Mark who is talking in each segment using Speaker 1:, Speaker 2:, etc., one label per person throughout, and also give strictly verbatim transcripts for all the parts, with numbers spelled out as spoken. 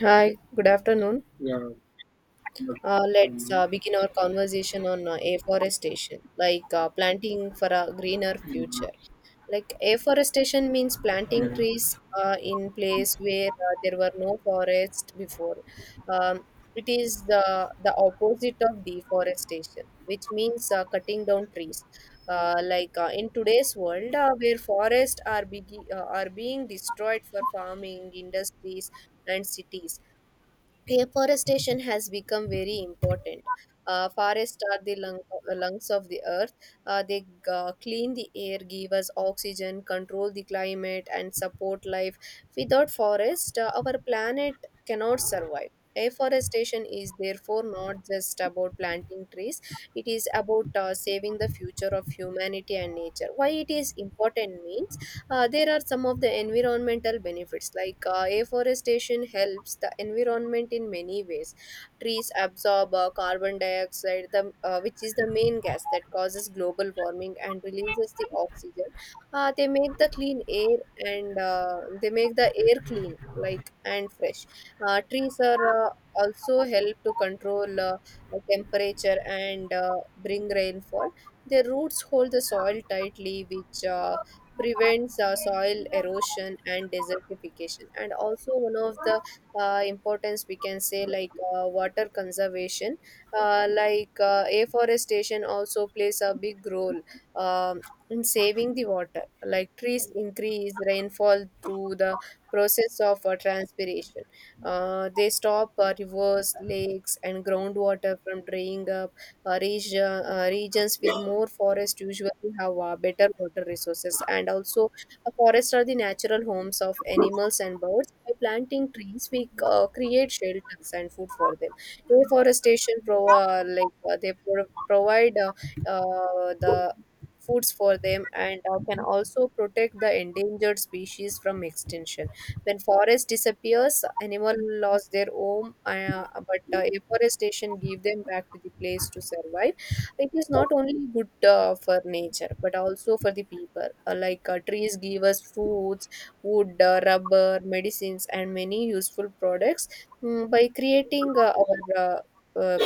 Speaker 1: Hi, good afternoon.
Speaker 2: Yeah, but,
Speaker 1: Uh, let's
Speaker 2: um,
Speaker 1: uh, begin our conversation on uh, afforestation, like uh, planting for a greener
Speaker 2: mm,
Speaker 1: future. Like afforestation means planting
Speaker 2: yeah,
Speaker 1: trees uh, in place where uh, there were no forests before. Um, it is the the opposite of deforestation, which means uh, cutting down trees. Uh, like uh, in today's world, uh, where forests are begi- uh, are being destroyed for farming, industries, and cities. Afforestation has become very important. Uh, forests are the lung, uh, lungs of the earth. Uh, they uh, clean the air, give us oxygen, control the climate, and support life. Without forest, uh, our planet cannot survive. Afforestation is therefore not just about planting trees, it is about uh, saving the future of humanity and nature. Why it is important means uh, there are some of the environmental benefits like uh, afforestation helps the environment in many ways. Trees absorb uh, carbon dioxide, the, uh, which is the main gas that causes global warming and releases the oxygen. Uh, they make the clean air and uh, they make the air clean like and fresh. Uh, trees are uh, also help to control uh, the temperature and uh, bring rainfall. Their roots hold the soil tightly, which uh, prevents uh, soil erosion and desertification, and also one of the uh, importance we can say like uh, water conservation. Uh, like uh, afforestation also plays a big role um, in saving the water, like trees increase rainfall through the process of uh, transpiration. Uh, they stop uh, rivers, lakes and groundwater from drying up. Uh, reg- uh, regions with more forest usually have uh, better water resources. And also, uh, forests are the natural homes of animals and birds. By planting trees, we uh, create shelters and food for them. Deforestation pro- uh, like uh, they pro- provide uh, uh, the foods for them and uh, can also protect the endangered species from extinction. When forest disappears, animal lost their home, uh, but uh, afforestation give them back to the place to survive. It is not only good uh, for nature, but also for the people. Uh, like uh, trees give us foods, wood, uh, rubber, medicines, and many useful products. Mm, by creating uh, our uh, uh,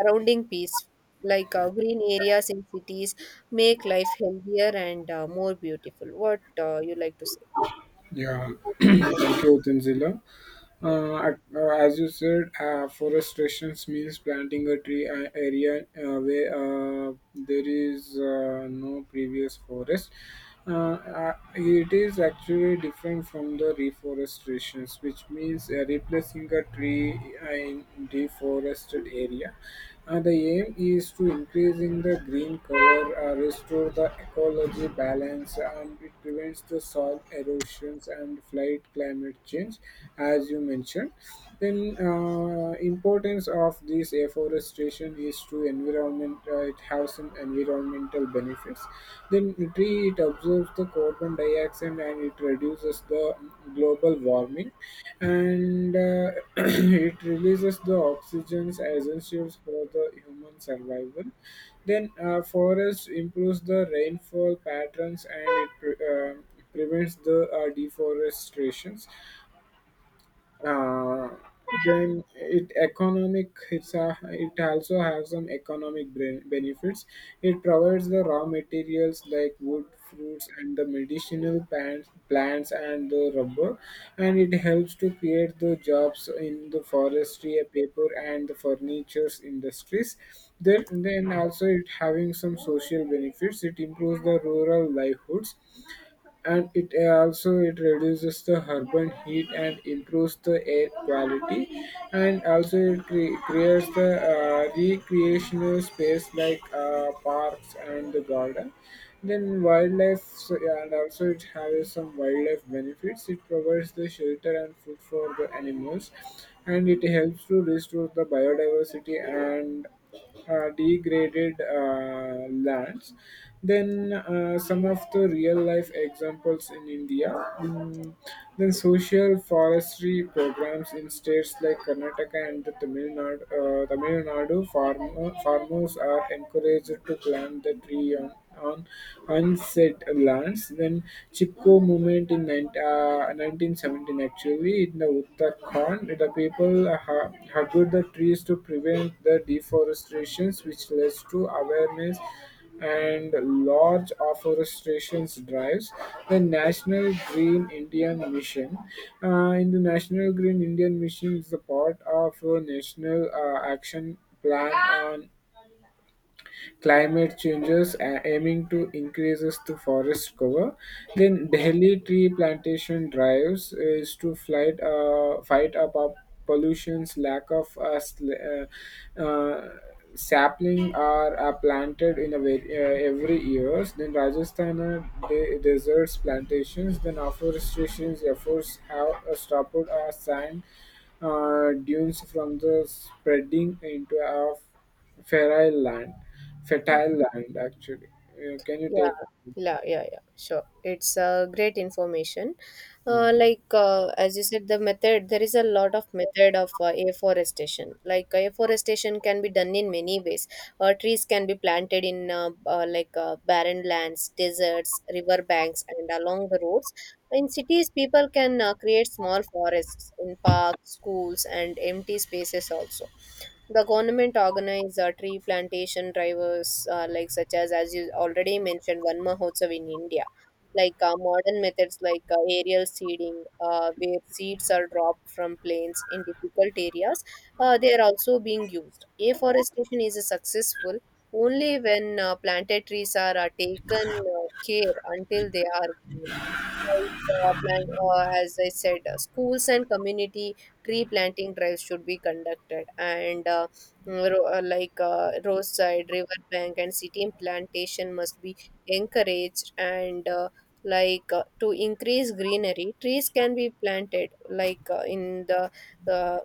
Speaker 1: surrounding peace, like uh, green areas in cities, make life healthier and uh, more beautiful. What uh, you like to say?
Speaker 2: yeah.
Speaker 1: What would
Speaker 2: Thank
Speaker 1: you like?
Speaker 2: you, Tanzila.
Speaker 1: Yeah.
Speaker 2: Uh, at- uh, as you said, uh, forestrations means planting a tree uh, area uh, where uh, there is uh, no previous forest. Uh, uh, it is actually different from the reforestations, which means uh, replacing a tree uh, in deforested area. Uh, the aim is to increase in the green cover, uh, restore the ecology balance, and it prevents the soil erosions and flood climate change, as you mentioned. Then, uh, importance of this afforestation is to environment. Uh, it has some environmental benefits. Then, tree it absorbs the carbon dioxide and it reduces the global warming, and uh, it releases the oxygens essentials for the human survival. Then uh, forest improves the rainfall patterns and it pre- uh, prevents the uh, deforestation. Uh, then it economic it's a, it also has some economic bre- benefits. It provides the raw materials like wood fruits and the medicinal plants, plants and the rubber, and it helps to create the jobs in the forestry paper and the furniture industries. Then, then also it having some social benefits. It improves the rural livelihoods, and it also it reduces the urban heat and improves the air quality, and also it cre- creates the uh, recreational space like uh, parks and the garden. Then wildlife so- yeah, and also it has some wildlife benefits. It provides the shelter and food for the animals, and it helps to restore the biodiversity and uh, degraded uh, lands. Then uh, some of the real life examples in India, mm, then social forestry programs in states like Karnataka and the Tamil Nadu. Uh, Tamil Nadu farmer, farmers are encouraged to plant the tree on, on unset lands. Then Chipko movement in 19, uh, nineteen seventeen, actually, in the Uttarakhand, the people ha- hugged the trees to prevent the deforestations, which led to awareness and large afforestation drives. The National Green Indian Mission. Uh, in the National Green Indian Mission is the part of a national uh, action plan on climate changes a- aiming to increases the forest cover. Then Delhi tree plantation drives is to fight uh, fight up, up pollutions, lack of uh, sl- uh, uh, sapling are uh, planted in a very, uh, every years. Then Rajasthan uh, de- deserts plantations. Then afforestation efforts have uh, stopped uh, sand uh, dunes from the spreading into of Fertile land,
Speaker 1: Yeah,
Speaker 2: fertile land. Actually, Uh, can you take?
Speaker 1: yeah, yeah, yeah. Sure. It's uh, great information. Uh, like uh, as you said, the method, there is a lot of method of uh, afforestation. Like afforestation can be done in many ways. Uh, trees can be planted in uh, uh, like uh, barren lands, deserts, river banks, and along the roads. In cities, people can uh, create small forests in parks, schools, and empty spaces also. The government organize uh, tree plantation drivers, uh, like such as, as you already mentioned, Van Mahotsav in India. Like uh, modern methods like uh, aerial seeding, uh, where seeds are dropped from planes in difficult areas, uh, they are also being used. Afforestation is successful only when uh, planted trees are uh, taken uh, care until they are grown. Like, uh, plant, uh, as I said, uh, schools and community tree planting drives should be conducted, and uh, mm, ro- uh, like uh, roadside, riverbank, and city plantation must be encouraged. And uh, like uh, to increase greenery, trees can be planted, like uh, in the uh,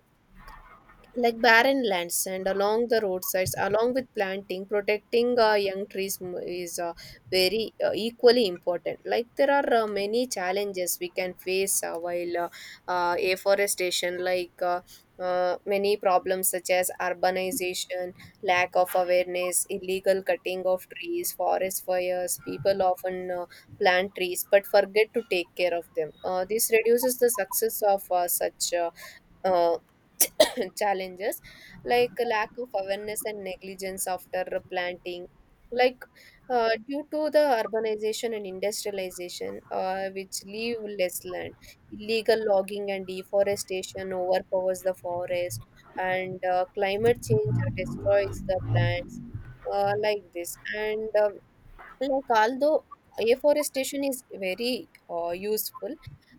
Speaker 1: like barren lands and along the roadsides. Along with planting, protecting uh, young trees m- is uh, very uh, equally important. Like there are uh, many challenges we can face uh, while uh, uh, afforestation, like uh, uh, many problems such as urbanization, lack of awareness, illegal cutting of trees, forest fires. People often uh, plant trees but forget to take care of them. Uh, this reduces the success of uh, such uh, uh, challenges like lack of awareness and negligence after planting. Like uh, due to the urbanization and industrialization, uh, which leave less land, illegal logging and deforestation overpowers the forest, and uh, climate change destroys the plants. Uh, like this and uh, Like, although afforestation is very uh, useful,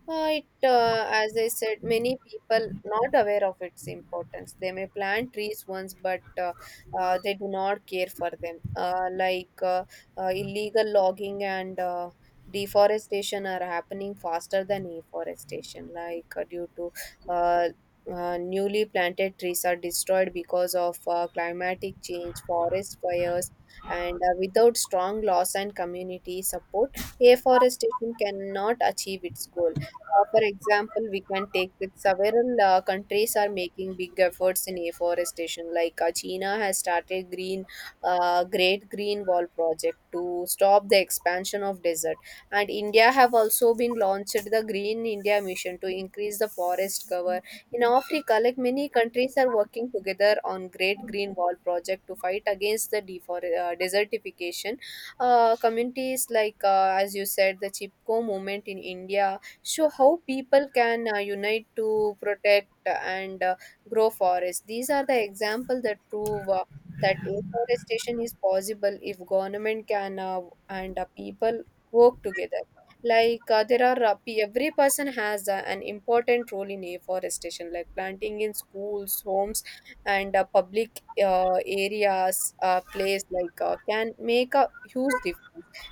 Speaker 1: uh, it, uh, as I said, many people not aware of its importance. They may plant trees once, but uh, uh, they do not care for them. Uh, like uh, uh, illegal logging and uh, deforestation are happening faster than afforestation, like uh, due to uh, uh, newly planted trees are destroyed because of uh, climatic change, forest fires, and uh, without strong laws and community support, afforestation cannot achieve its goal. Uh, for example, we can take that several uh, countries are making big efforts in afforestation. Like uh, china has started green uh, Great Green Wall project to stop the expansion of desert, and India have also been launched the Green India Mission to increase the forest cover. In Africa, like many countries are working together on Great Green Wall project to fight against the defor- uh, desertification. Uh, communities like, uh, as you said, the Chipko movement in India show how people can uh, unite to protect and uh, grow forests. These are the examples that prove Uh, that afforestation is possible if government can uh, and uh, people work together. Like uh, there are uh, pe- every person has uh, an important role in afforestation. Like planting in schools, homes, and uh, public uh, areas uh, place like uh, can make a huge difference.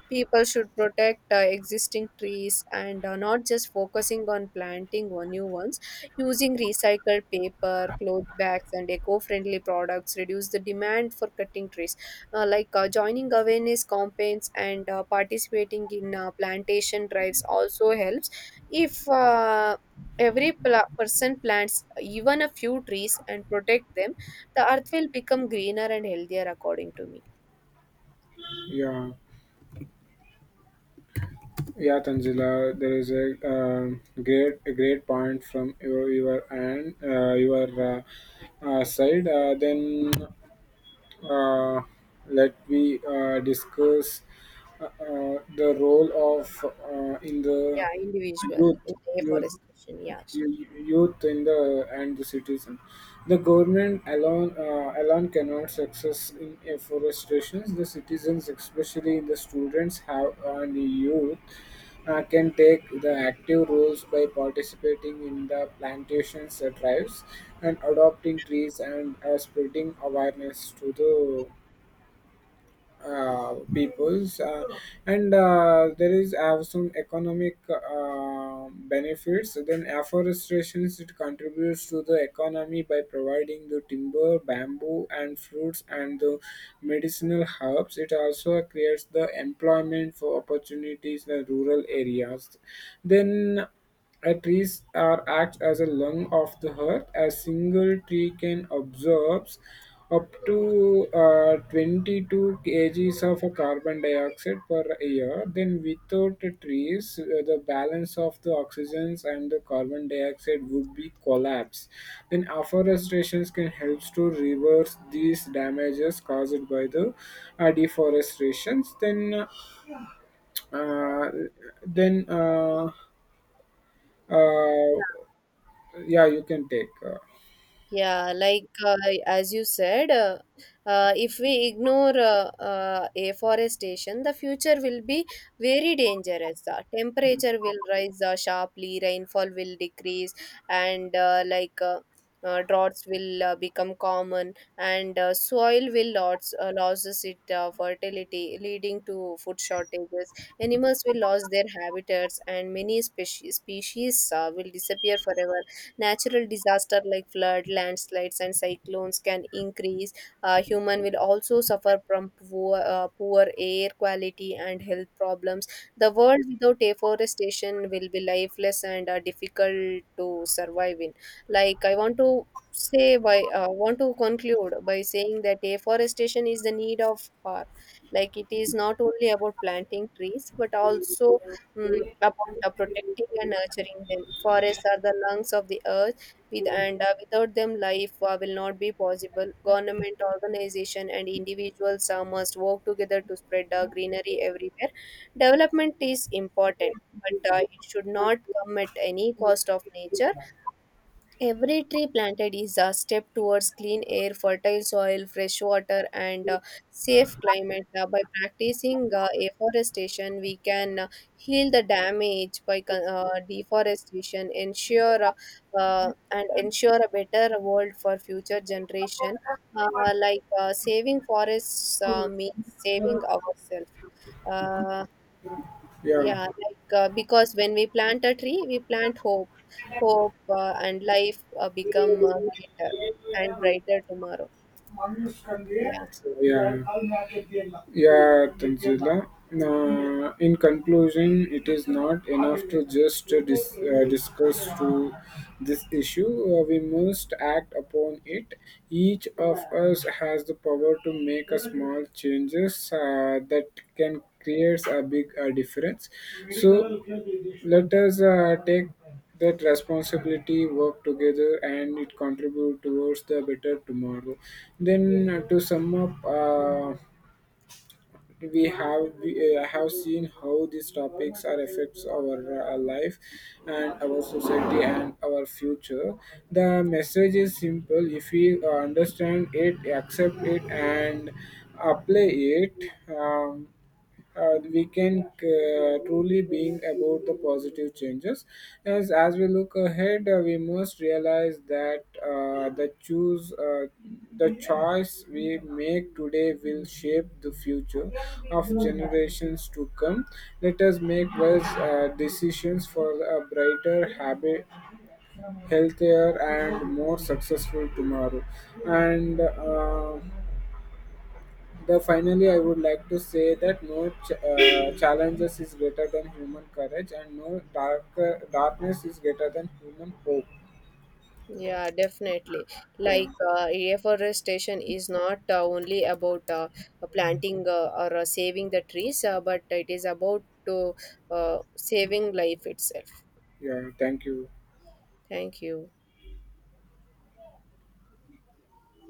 Speaker 1: People should protect uh, existing trees and uh, not just focusing on planting or new ones. Using recycled paper, cloth bags and eco-friendly products reduce the demand for cutting trees. Uh, like uh, joining awareness campaigns and uh, participating in uh, plantation drives also helps. If uh, every pla- person plants even a few trees and protect them, the earth will become greener and healthier, according to me.
Speaker 2: Yeah, yeah, Tanzila. There is a um great, a great point from your your and uh, your uh, uh, side. Uh, then uh, let we uh, discuss uh, uh, the role of uh, in the
Speaker 1: Yeah, individual
Speaker 2: youth
Speaker 1: in
Speaker 2: youth.
Speaker 1: afforestation, yes.
Speaker 2: y- youth in the and the citizen. The government alone uh, alone cannot success in afforestation. The citizens, especially the students, have and the youth. Uh, can take the active roles by participating in the plantations drives and adopting trees and uh, spreading awareness to the uh, peoples, uh, and uh, there is have some economic uh, benefits. Then afforestation it contributes to the economy by providing the timber bamboo and fruits and the medicinal herbs. It also creates the employment for opportunities in the rural areas. Then a trees are acts as a lung of the earth. A single tree can absorb up to uh, twenty-two kilograms kgs of a carbon dioxide per year. Then, without the trees, uh, the balance of the oxygens and the carbon dioxide would be collapsed. Then, afforestation can help to reverse these damages caused by the uh, deforestation. Then, uh, then. Uh, uh, yeah, you can take. Uh,
Speaker 1: Yeah, like uh, as you said, uh, uh, if we ignore uh, uh, afforestation, the future will be very dangerous. The temperature will rise uh, sharply, rainfall will decrease, and uh, like uh, uh, droughts will uh, become common, and uh, soil will lots, uh, loses its uh, fertility, leading to food shortages. Animals will lose their habitats, and many species species uh, will disappear forever. Natural disaster like flood, landslides, and cyclones can increase. Uh, human will also suffer from poor, uh, poor air quality and health problems. The world without deforestation will be lifeless and uh, difficult to survive in. Like I want to say by uh, want to conclude by saying that deforestation is the need of hour. Like it is not only about planting trees but also mm, about uh, protecting and nurturing them. Forests are the lungs of the earth, with and uh, without them, life uh, will not be possible. Government, organization, and individuals uh, must work together to spread uh, greenery everywhere. Development is important, but uh, it should not come at any cost of nature. Every tree planted is a step towards clean air, fertile soil, fresh water, and uh, safe climate. Uh, by practicing uh, afforestation, we can uh, heal the damage by con- uh, deforestation, ensure uh, uh, and ensure a better world for future generation. Uh, like uh, saving forests uh, means saving ourselves. Uh,
Speaker 2: yeah.
Speaker 1: yeah, like uh, because when we plant a tree, we plant hope, hope uh, and life uh, become uh, greater and brighter tomorrow. Yeah,
Speaker 2: So, yeah. Yeah, Tanzila. Uh, in conclusion, it is not enough to just uh, dis- uh, discuss to this issue. Uh, we must act upon it. Each of us has the power to make a small changes uh, that can create a big uh, difference. So let us uh, take that responsibility, work together, and it contribute towards the better tomorrow. Then uh, to sum up, uh, we have we, uh, have seen how these topics are affects our uh, life and our society and our future. The message is simple: if we uh, understand it, accept it, and apply it. Um, uh, the weekend uh, truly being about the positive changes. As, as we look ahead, uh, we must realize that uh, the choose uh, the choice we make today will shape the future of generations to come. Let us make wise uh, decisions for a brighter, habit, healthier, and more successful tomorrow. And uh, the finally, I would like to say that no ch- uh, challenges is greater than human courage, and no dark darkness is greater than human hope.
Speaker 1: yeah, definitely.
Speaker 2: Yeah,
Speaker 1: Like uh, reforestation is not uh, only about uh, planting uh, or uh, saving the trees, uh, but it is about to uh, saving life itself.
Speaker 2: yeah. Thank you.
Speaker 1: Thank you.